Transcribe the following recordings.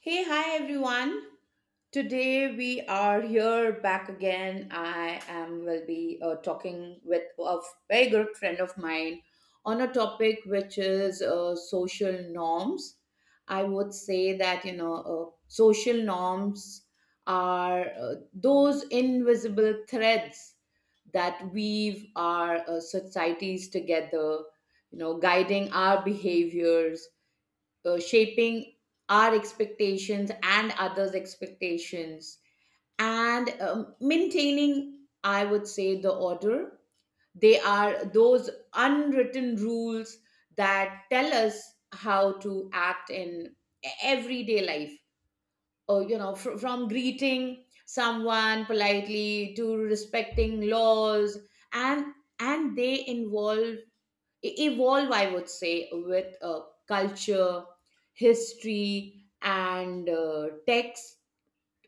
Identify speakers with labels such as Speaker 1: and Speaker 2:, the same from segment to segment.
Speaker 1: Hey, hi everyone. Today we are here back again. I am will be talking with a very good friend of mine on a topic which is social norms. I would say that social norms are those invisible threads that weave our societies together, guiding our behaviors, shaping our expectations and others' expectations, and maintaining, I would say, the order. They are those unwritten rules that tell us how to act in everyday life. Or, from greeting someone politely to respecting laws, and and they evolve, I would say, with culture, history, and text,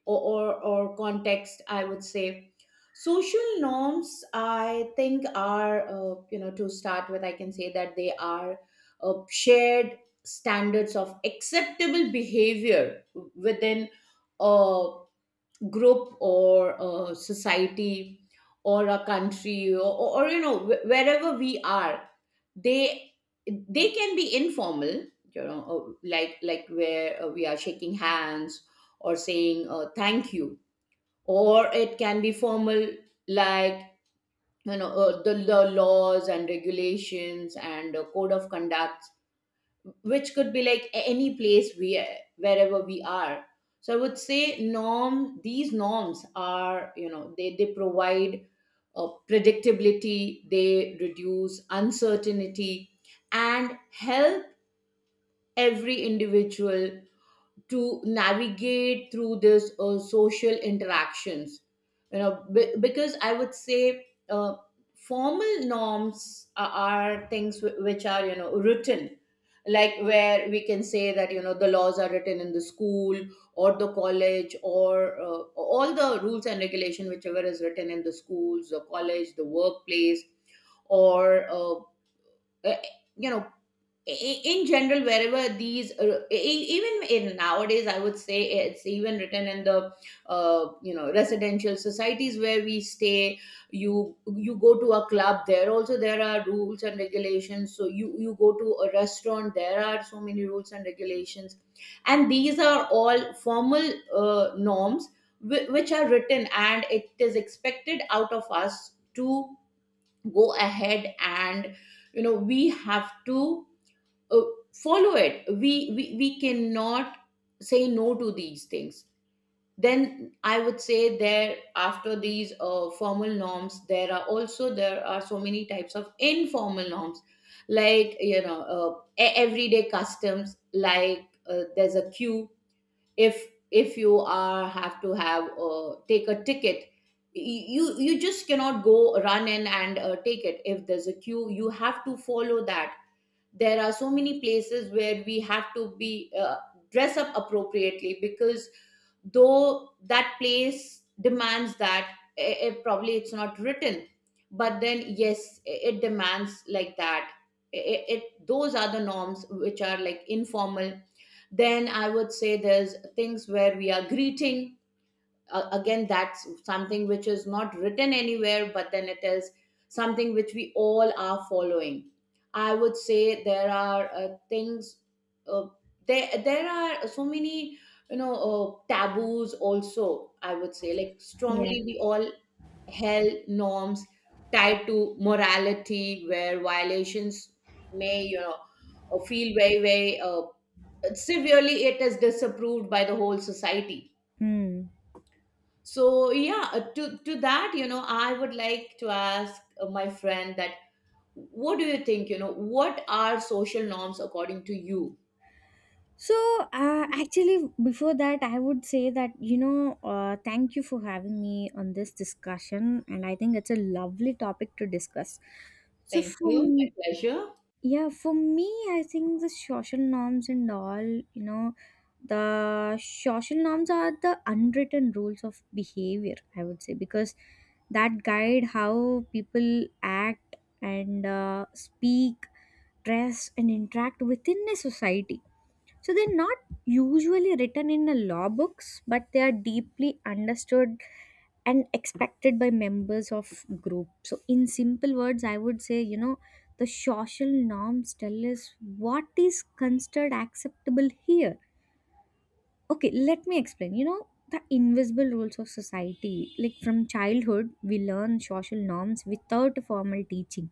Speaker 1: or context, I would say. Social norms, I think, are, to start with, I can say that they are shared standards of acceptable behavior within a group or a society or a country, or wherever we are. They they can be informal, like where we are shaking hands or saying thank you, or it can be formal, like, the laws and regulations and code of conduct, which could be like any place we, wherever we are. So I would say, norm these norms are, they provide predictability, they reduce uncertainty and help every individual to navigate through this social interactions, because I would say formal norms are things which are, written. Like where we can say that, the laws are written in the school or the college, or all the rules and regulation, whichever is written in the schools, the college, the workplace, or eh, you know in general wherever these even in nowadays, I would say, it's even written in the residential societies where we stay. You go to a club, there also there are rules and regulations. So you go to a restaurant, there are so many rules and regulations, and these are all formal norms, which are written, and it is expected out of us to go ahead and, we have to uh, follow it. We cannot say no to these things. Then I would say, there, after these formal norms, there are also, there are so many types of informal norms, like, everyday customs, like, there's a queue. If you are, have to have, take a ticket, you just cannot go run in and take it. If there's a queue, you have to follow that. There are so many places where we have to be, dress up appropriately because though that place demands that, it probably it's not written, but then yes, it demands like that. It, it those are the norms which are, like, informal. Then I would say, there's things where we are greeting, again, that's something which is not written anywhere, but then it is something which we all are following. I would say there are things, uh, there are so many, taboos also, I would say, like
Speaker 2: Yeah.
Speaker 1: strongly we all held norms tied to morality where violations may, feel very very severely, it is disapproved by the whole society.
Speaker 2: Mm.
Speaker 1: So yeah, to that, I would like to ask, my friend, that what do you think, what are social norms according to you?
Speaker 2: So, actually, before that, I would say that, thank you for having me on this discussion. And I think it's a lovely topic to discuss. So,
Speaker 1: Thank
Speaker 2: for,
Speaker 1: you. My
Speaker 2: m-
Speaker 1: pleasure.
Speaker 2: yeah, for me, I think the social norms and all, you know, the social norms are the unwritten rules of behavior, I would say, because that guide how people act and speak, dress, and interact within a society. So they're not usually written in the law books, but they are deeply understood and expected by members of group. So in simple words, I would say, the social norms tell us what is considered acceptable here. Okay, let me explain. You know, the invisible rules of society. Like from childhood, we learn social norms without formal teaching,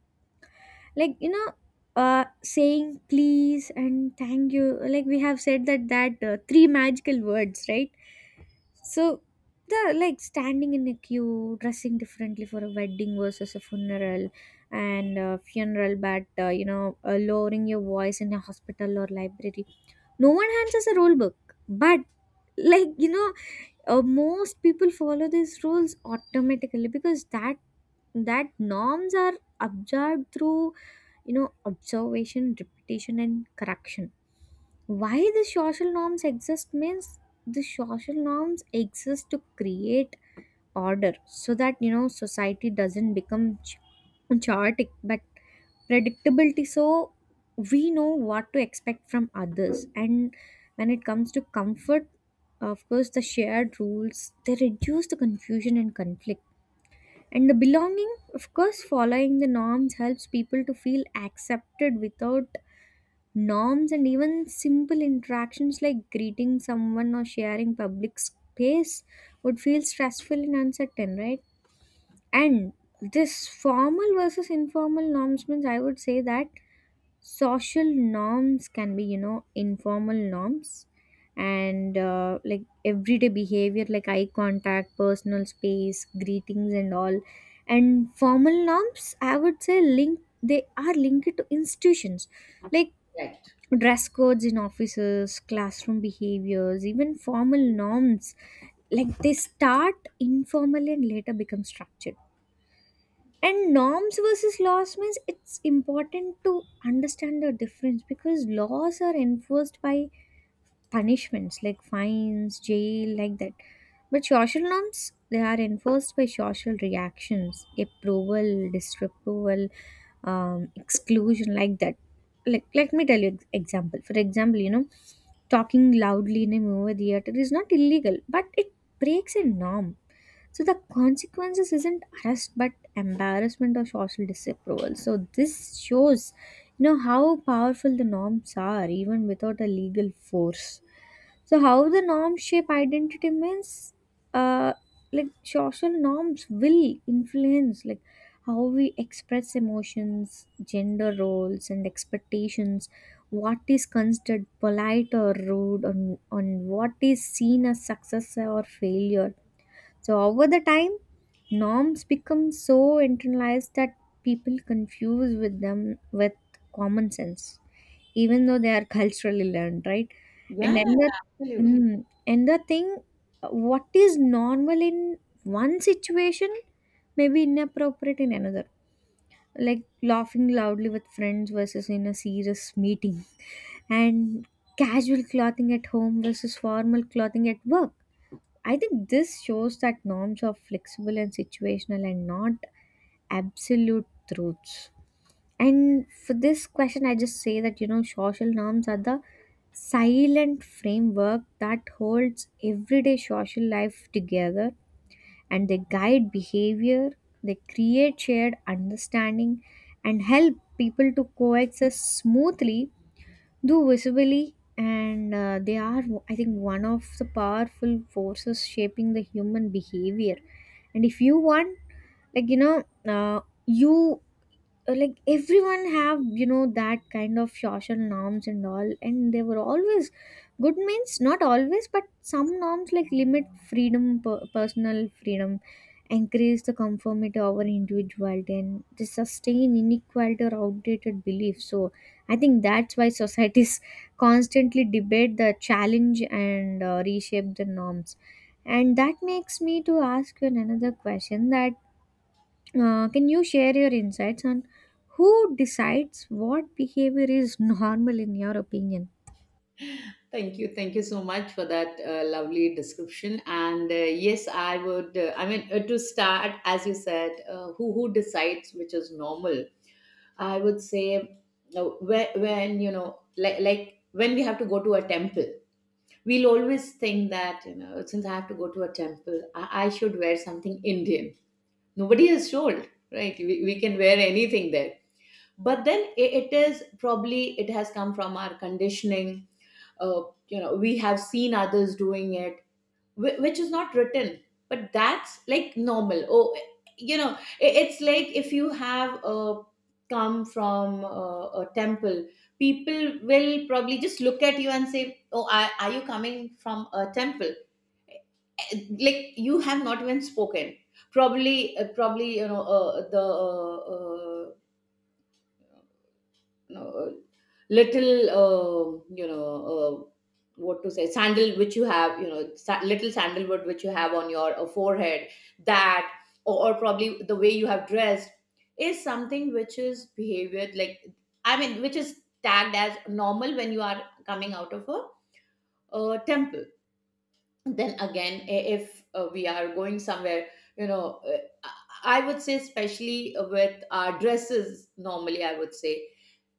Speaker 2: like you know saying please and thank you, like we have said that three magical words, right? So, the like, standing in a queue, dressing differently for a wedding versus a funeral, but lowering your voice in a hospital or library. No one hands us a rule book, but, like you know most people follow these rules automatically because that norms are absorbed through, you know, observation, repetition, and correction. Why the social norms exist means the social norms exist to create order so that, you know, society doesn't become chaotic, but predictability, so we know what to expect from others. And when it comes to comfort, of course the shared rules, they reduce the confusion and conflict. And the belonging, of course, following the norms helps people to feel accepted. Without norms, and even simple interactions like greeting someone or sharing public space would feel stressful and uncertain, right? And this formal versus informal norms means, I would say that social norms can be, you know, informal norms and like everyday behavior like eye contact, personal space, greetings, and all. And formal norms, I would say, link they are linked to institutions, like
Speaker 1: Right.
Speaker 2: dress codes in offices, classroom behaviors. Even formal norms, like, they start informal and later become structured. And norms versus laws means it's important to understand the difference because laws are enforced by punishments like fines, jail, like that. But social norms, they are enforced by social reactions, approval, disapproval, exclusion, like that. Like, let me tell you example. For example, you know, talking loudly in a movie theater is not illegal, but it breaks a norm. So the consequences isn't arrest but embarrassment or social disapproval. So this shows, you know, how powerful the norms are even without a legal force. So how the norms shape identity means, uh, like social norms will influence like how we express emotions, gender roles, and expectations. What is considered polite or rude, on what is seen as success or failure. So over the time, norms become so internalized that people confuse with them with common sense, even though they are culturally learned, right?
Speaker 1: Yeah,
Speaker 2: And
Speaker 1: yeah,
Speaker 2: another,
Speaker 1: yeah. Absolutely.
Speaker 2: another thing, what is normal in one situation may be inappropriate in another. Like laughing loudly with friends versus in a serious meeting, and casual clothing at home versus formal clothing at work. I think this shows that norms are flexible and situational and not absolute truths. And for this question, I just say that, you know, social norms are the silent framework that holds everyday social life together, and they guide behavior, they create shared understanding, and help people to coexist smoothly, do visibly. And they are, I think, one of the powerful forces shaping the human behavior. And if you want, like, you know, you like, everyone have, you know, that kind of social norms and all, and they were always good means not always, but some norms like limit freedom, personal freedom, increase the conformity over individuality, and they sustain inequality or outdated beliefs. So I think that's why societies constantly debate the challenge and reshape the norms. And that makes me to ask you another question, that can you share your insights on who decides what behavior is normal, in your opinion?
Speaker 1: Thank you, thank you so much for that lovely description, and, yes, I mean, to start, as you said, who decides which is normal. I would say, when you know, like when we have to go to a temple, we'll always think that, you know, since I have to go to a temple, I should wear something Indian. Nobody has told, right? We can wear anything there, but then, it is probably it has come from our conditioning. uh, we have seen others doing it, which is not written, but that's like normal. Oh, it's like if you have come from a temple, people will probably just look at you and say, oh, are you coming from a temple? Like you have not even spoken. Probably, the, you know, little, uh, what to say, sandal which you have, little sandalwood which you have on your forehead, that, or probably the way you have dressed, is something which is behavior, like, I mean, which is tagged as normal when you are coming out of a temple. Then again, if we are going somewhere, you know uh, i I would say, especially with our dresses, normally, I would say,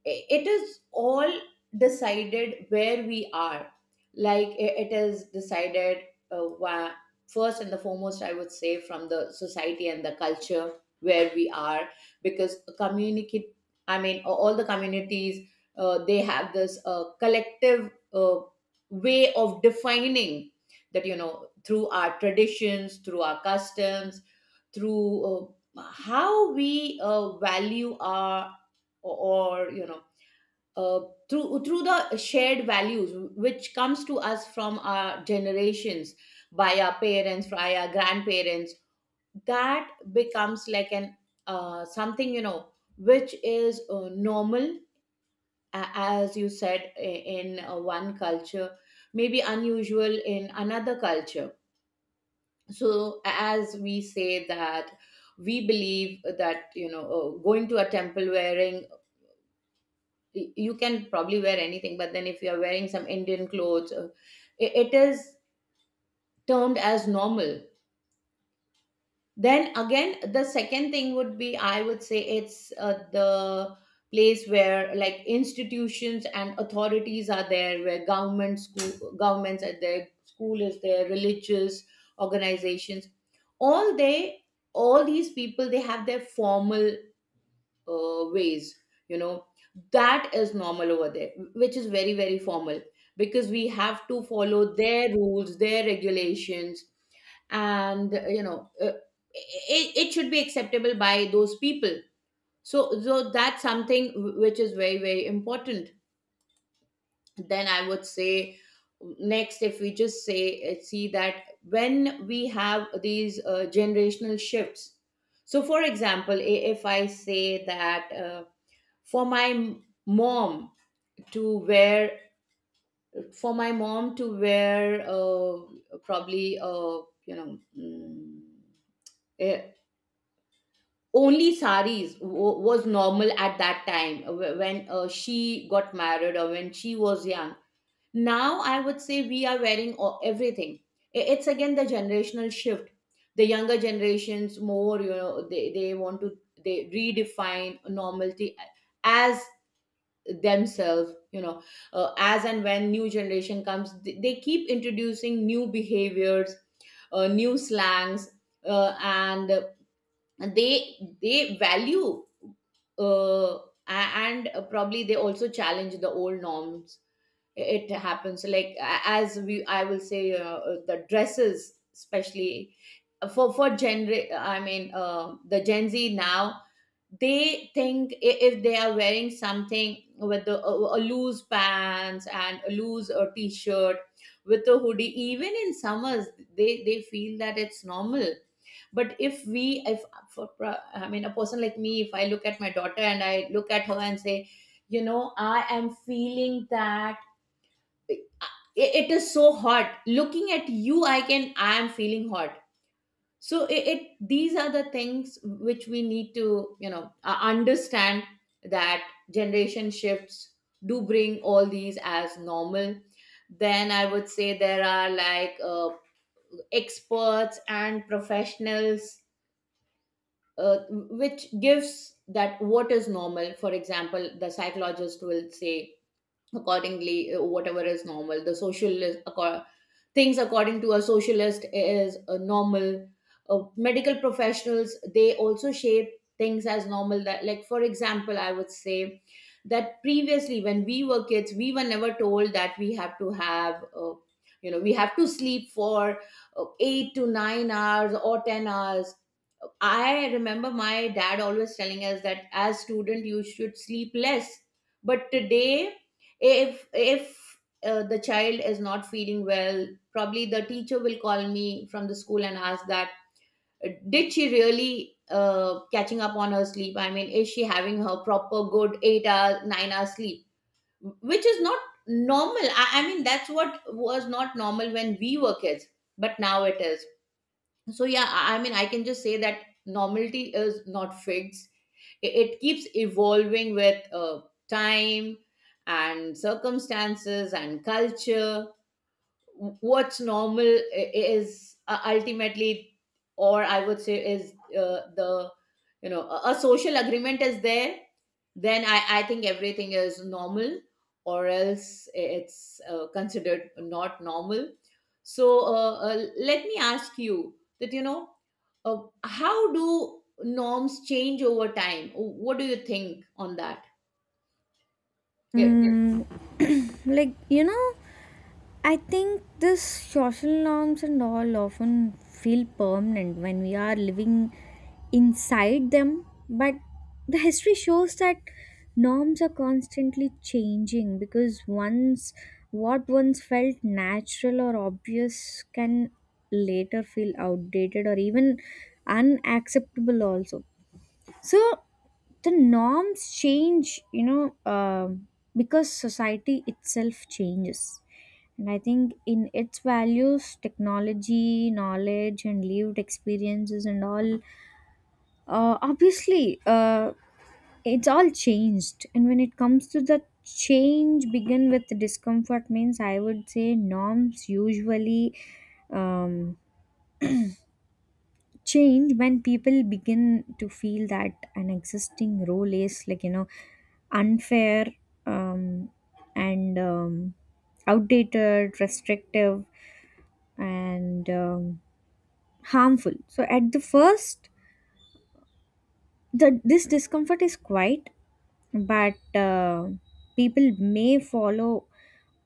Speaker 1: it is all decided where we are. Like, it is decided, uh, wha- first and the foremost, I would say, from the society and the culture where we are, because communicate I mean, all the communities, they have this collective way of defining that, through our traditions, through our customs, through uh, how we value our, or, uh, through the shared values which comes to us from our generations, by our parents, by our grandparents, that becomes like, an something, which is normal. As you said, in one culture, maybe unusual in another culture. So, as we say that, we believe that, going to a temple wearing, you can probably wear anything, but then if you're wearing some Indian clothes, it is termed as normal. Then again, the second thing would be, I would say, it's the place where, like, institutions and authorities are there, where government, school governments are there, school is there, religious organizations, all they all these people, they have their formal ways, you know that is normal over there, which is very very formal, because we have to follow their rules, their regulations, and it should be acceptable by those people. So that's something, which is very very important. Then I would say, next, if we just say, see that when we have these generational shifts. So for example, if I say that, for my mom to wear for my mom to wear, probably, you know mm, eh, only saris was normal at that time, when she got married or when she was young. Now I would say, we are wearing everything. It's again the generational shift. The younger generations, more, they want to, they redefine normality as themselves, as and when new generation comes, they keep introducing new behaviors, new slangs, and they value, uh, and probably they also challenge the old norms. It happens like, as we, I will say, the dresses especially, for gen I mean, the Gen Z now, they think, if they are wearing something with a loose pants and a loose t-shirt with a hoodie even in summers, they feel that it's normal. But if we, if for, I mean, a person like me, if I look at my daughter and I look at her and say, I am feeling that it it is so hot looking at you, I am feeling hot. So, it these are the things which we need to, understand that generation shifts do bring all these as normal. Then I would say there are, like, experts and professionals, which gives that what is normal. For example, the psychologist will say accordingly, whatever is normal. The social things according to a socialist is normal. Medical professionals, they also shape things as normal. That, like, for example, I would say that previously when we were kids, we were never told that we have to have, we have to sleep for 8 to 9 hours or 10 hours. I remember my dad always telling us that as student, you should sleep less. But today, if the child is not feeling well, probably the teacher will call me from the school and ask that, did she really, catching up on her sleep, I mean, is she having her proper good 8 hours 9 hours sleep, which is not normal. I mean, that's what was not normal when we were kids, but now it is. So I mean I can just say that normality is not fixed. It keeps evolving with time and circumstances and culture. What's normal is ultimately, or I would say is the a social agreement is there, then I think everything is normal, or else it's considered not normal. So let me ask you that, how do norms change over time? What do you think on that? Yeah.
Speaker 2: Mm, like you know I think this social norms and all often feel permanent when we are living inside them, but the history shows that norms are constantly changing because once what once felt natural or obvious can later feel outdated or even unacceptable also. So the norms change, you know um because society itself changes, and I think in its values, technology, knowledge, and lived experiences and all, obviously, uh, it's all changed. And when it comes to the change begin with discomfort means, I would say norms usually um, change when people begin to feel that an existing role is, like, you know, unfair, um, and outdated, restrictive, and harmful. So at the first, the this discomfort is quite, but people may follow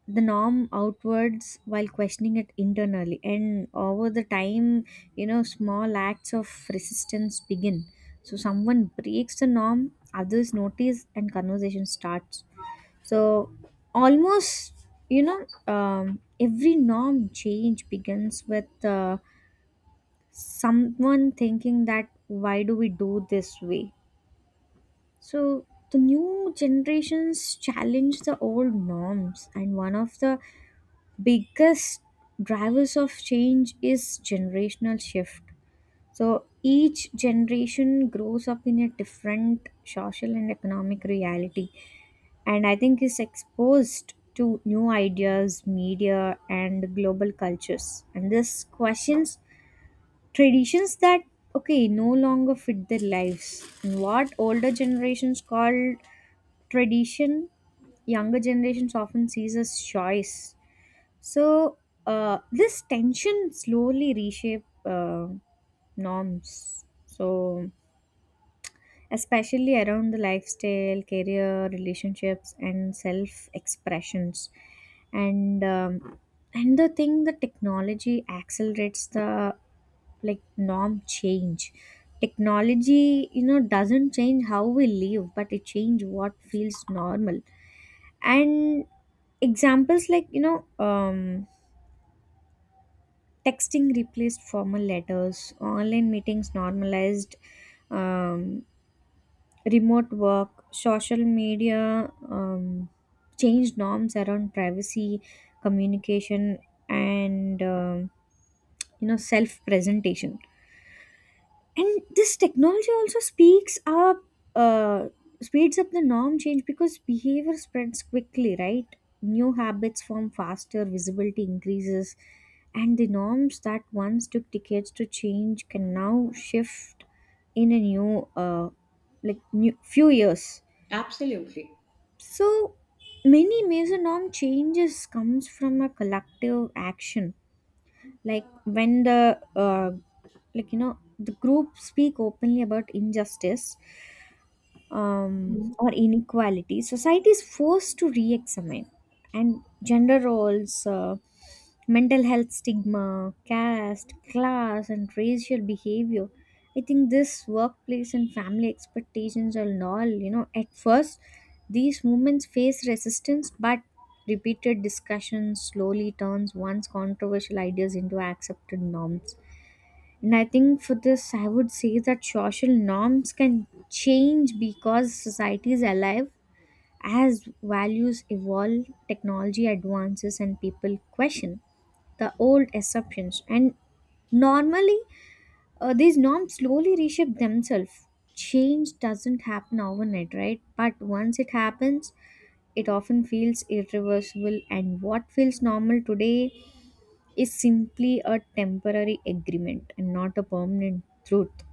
Speaker 2: the norm outwards while questioning it internally, and over the time, you know, small acts of resistance begin. So someone breaks the norm, others notice, and conversation starts. So almost, you know, every norm change begins with someone thinking that why do we do this way. So the new generations challenge the old norms, and one of the biggest drivers of change is generational shift. So each generation grows up in a different social and economic reality, and I think is exposed to new ideas, media, and global cultures. And this questions traditions that okay no longer fit their lives. And what older generations called tradition, younger generations often sees as choice. So this tension slowly reshape norms. So especially around the lifestyle, career, relationships, and self expressions, and um, and the technology accelerates the, like, norm change. Technology, you know, doesn't change how we live, but it change what feels normal. And examples, like, you know. Texting replaced formal letters, online meetings normalized um, remote work, social media changed norms around privacy, communication, and you know, self presentation. And this technology also speaks up uh, speeds up the norm change because behavior spreads quickly, right? New habits form faster, visibility increases, and the norms that once took decades to change can now shift in a new like new few years.
Speaker 1: Absolutely.
Speaker 2: So many major norm changes comes from a collective action, like when the, you know, the group speak openly about injustice,
Speaker 1: Mhm.
Speaker 2: or inequality, society is forced to re examine. And gender roles, mental health stigma, caste, class, and racial behavior. I think this workplace and family expectations and all, you know, at first these movements face resistance, but repeated discussion slowly turns once controversial ideas into accepted norms. And I think for this, I would say that social norms can change because society is alive as values evolve, technology advances, and people question the old assumptions. And normally, these norms slowly reshape themselves. Change doesn't happen overnight, right? But once it happens, it often feels irreversible, and what feels normal today is simply a temporary agreement and not a permanent truth.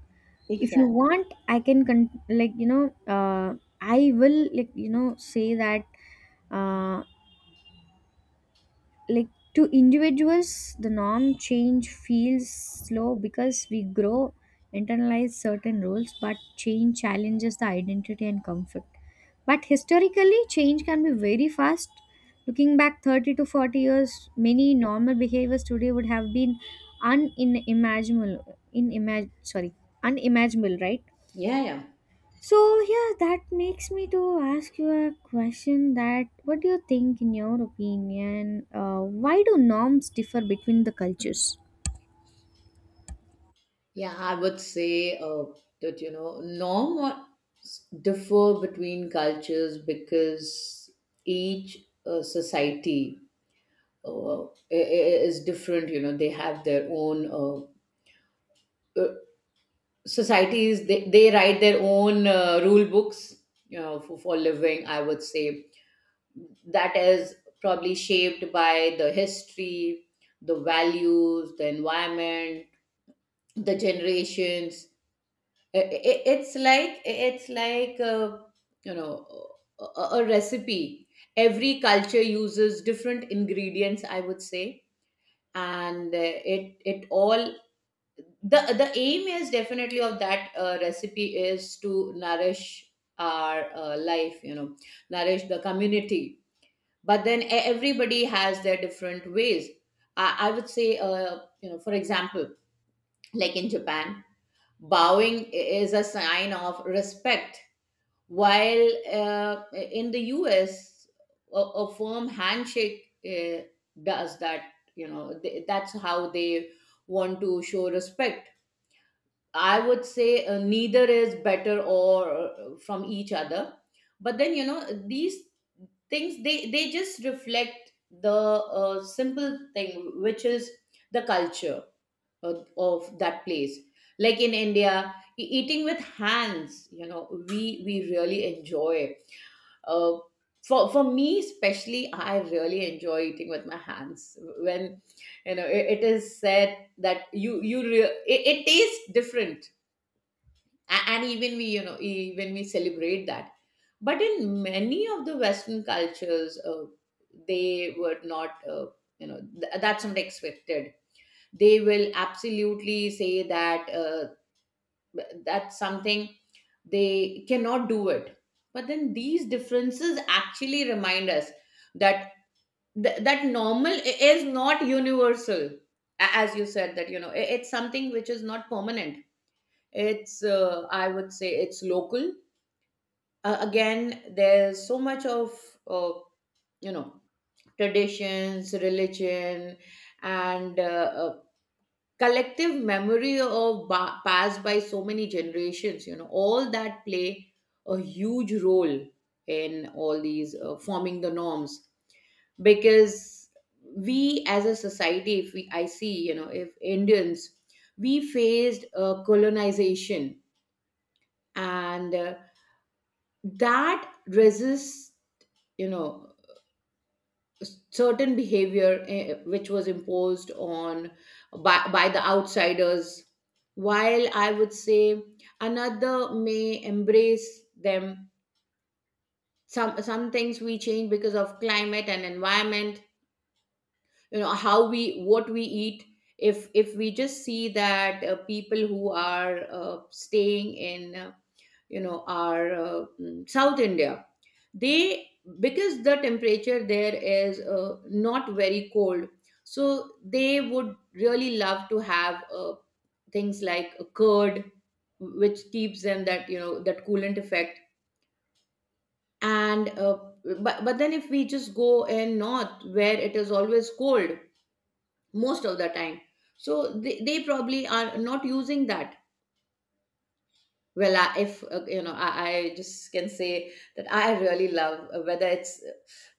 Speaker 2: If you
Speaker 1: Exactly.
Speaker 2: want, I can uh, I will, say that, uh, like to individuals, the norm change feels slow because we grow internalize certain roles, but change challenges the identity and comfort. But historically change can be very fast. Looking back 30 to 40 years, many normal behaviors today would have been unimaginable. Sorry, unimaginable, right?
Speaker 1: Yeah, yeah.
Speaker 2: So yeah, that makes me to ask you a question, that what do you think in your opinion, why do norms differ between the cultures?
Speaker 1: Yeah, I would say that you know norms differ between cultures because each society is different. You know, they have their own uh, societies. They write their own rule books. You know, for living, I would say that is probably shaped by the history, the values, the environment, the generations. It's like you know, a recipe. Every culture uses different ingredients, I would say. And it all, the aim is definitely of that recipe is to nourish our life, you know, nourish the community. But then everybody has their different ways. I would say, you know, for example, like in Japan, bowing is a sign of respect, while in the US, a firm handshake does that. You know, that's how they want to show respect. I would say neither is better or from each other. But then you know these things, they just reflect the simple thing, which is the culture of that place. Like in India, eating with hands, you know, we really enjoy. Uh, for for me especially, I really enjoy eating with my hands. When you know, it is said that it tastes different. And even we, you know, even we celebrate that. But in many of the Western cultures, they were not you know, that's not expected. They will absolutely say that that's something they cannot do it. But then these differences actually remind us that that normal is not universal. As you said that you know, it's something which is not permanent, it's I would say it's local. Again, there's so much of uh, you know traditions, religion, and uh, collective memory of passed by so many generations, you know, all that play a huge role in all these forming the norms. Because we as a society, if we I see, you know, if Indians, we faced colonization and that resists, you know, certain behavior, which was imposed on by the outsiders, while I would say another may embrace them. Some things we change because of climate and environment, you know, how we what we eat. If we just see that people who are staying in south India, they, because the temperature there is not very cold, so they would really love to have things like a curd, which keeps them that, you know, that coolant effect. And but then if we just go in north, where it is always cold most of the time, so they probably are not using that. Well, if you know, I just can say that I really love, whether it's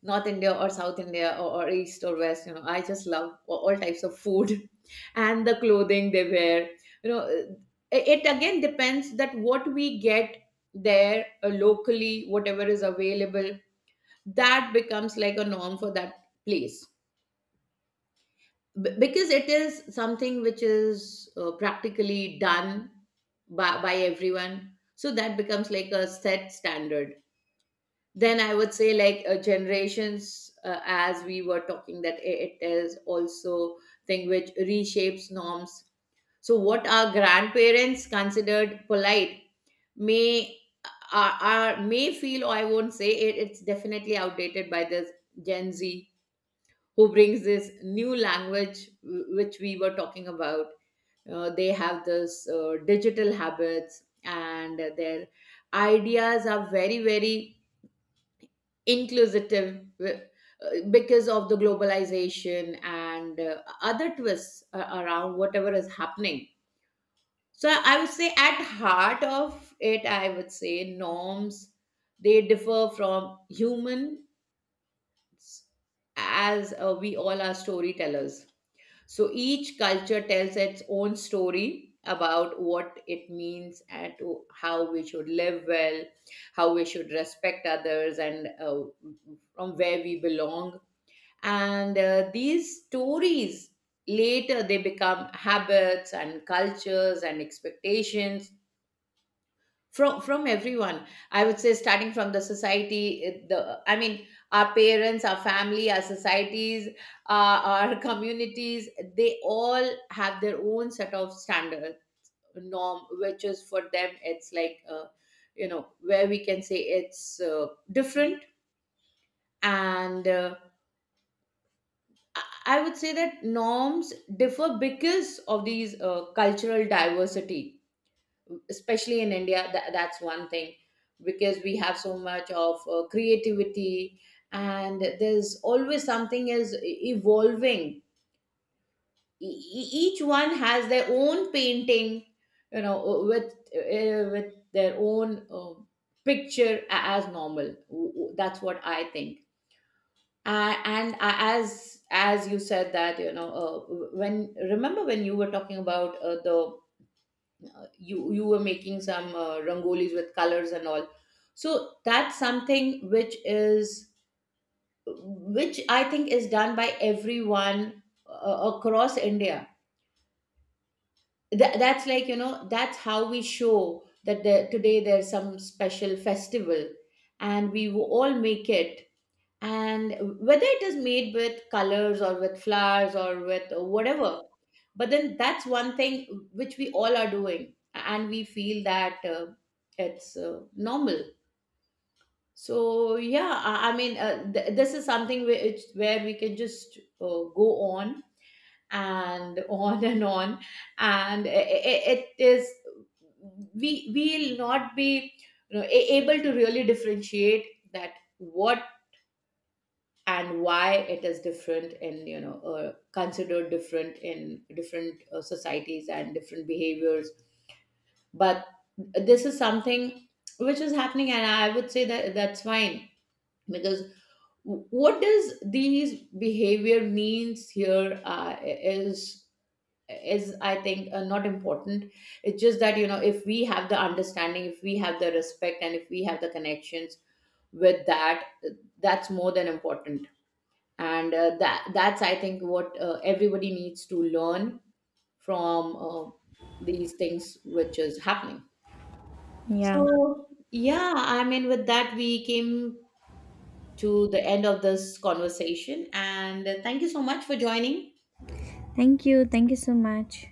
Speaker 1: north India or south India or east or west, you know, I just love all types of food and the clothing they wear. You know, it again depends that what we get there locally, whatever is available, that becomes like a norm for that place. Because it is something which is practically done by everyone, so that becomes like a set standard. Then I would say, like, generations, as we were talking, that it is also thing which reshapes norms. So what our grandparents considered polite may, are may feel, or I won't say it's definitely outdated, by this Gen Z who brings this new language, which we were talking about. They have this digital habits, and their ideas are very, very inclusive, because of the globalization and other twists around whatever is happening. So I would say, at heart of it, I would say norms, they differ from humans, as we all are storytellers. So each culture tells its own story about what it means and to how we should live well, how we should respect others, and from where we belong. And these stories later they become habits and cultures and expectations from everyone. I would say starting from the society the, I mean, our parents, our family, our societies, our communities, they all have their own set of standard norm, which is for them it's like you know, where we can say it's different. And I would say that norms differ because of these cultural diversity, especially in India. Tha- that's one thing, because we have so much of creativity, and there's always something is evolving. Each one has their own painting, you know, with their own uh, picture as normal. That's what I think. And as you said that, you know, when, remember when you were talking about the you you were making some rangolis with colors and all. So that's something which is, which I think is done by everyone across India. That's like, you know, that's how we show that there, today there's some special festival, and we will all make it, and whether it is made with colors or with flowers or with whatever. But then that's one thing which we all are doing, and we feel that it's normal. So I mean this is something where it's where we can just go on and on and on. And it is, we will not be, you know, able to really differentiate that what and why it is different in, you know, considered different in different societies and different behaviors. But this is something which is happening, and I would say that that's fine. Because what does these behavior means here is I think not important. It's just that, you know, if we have the understanding, if we have the respect, and if we have the connections with that, that's more than important. And that's I think what everybody needs to learn from these things which is happening.
Speaker 2: Yeah.
Speaker 1: So yeah, I mean, with that we came to the end of this conversation, and thank you so much for joining.
Speaker 2: Thank you. Thank you so much.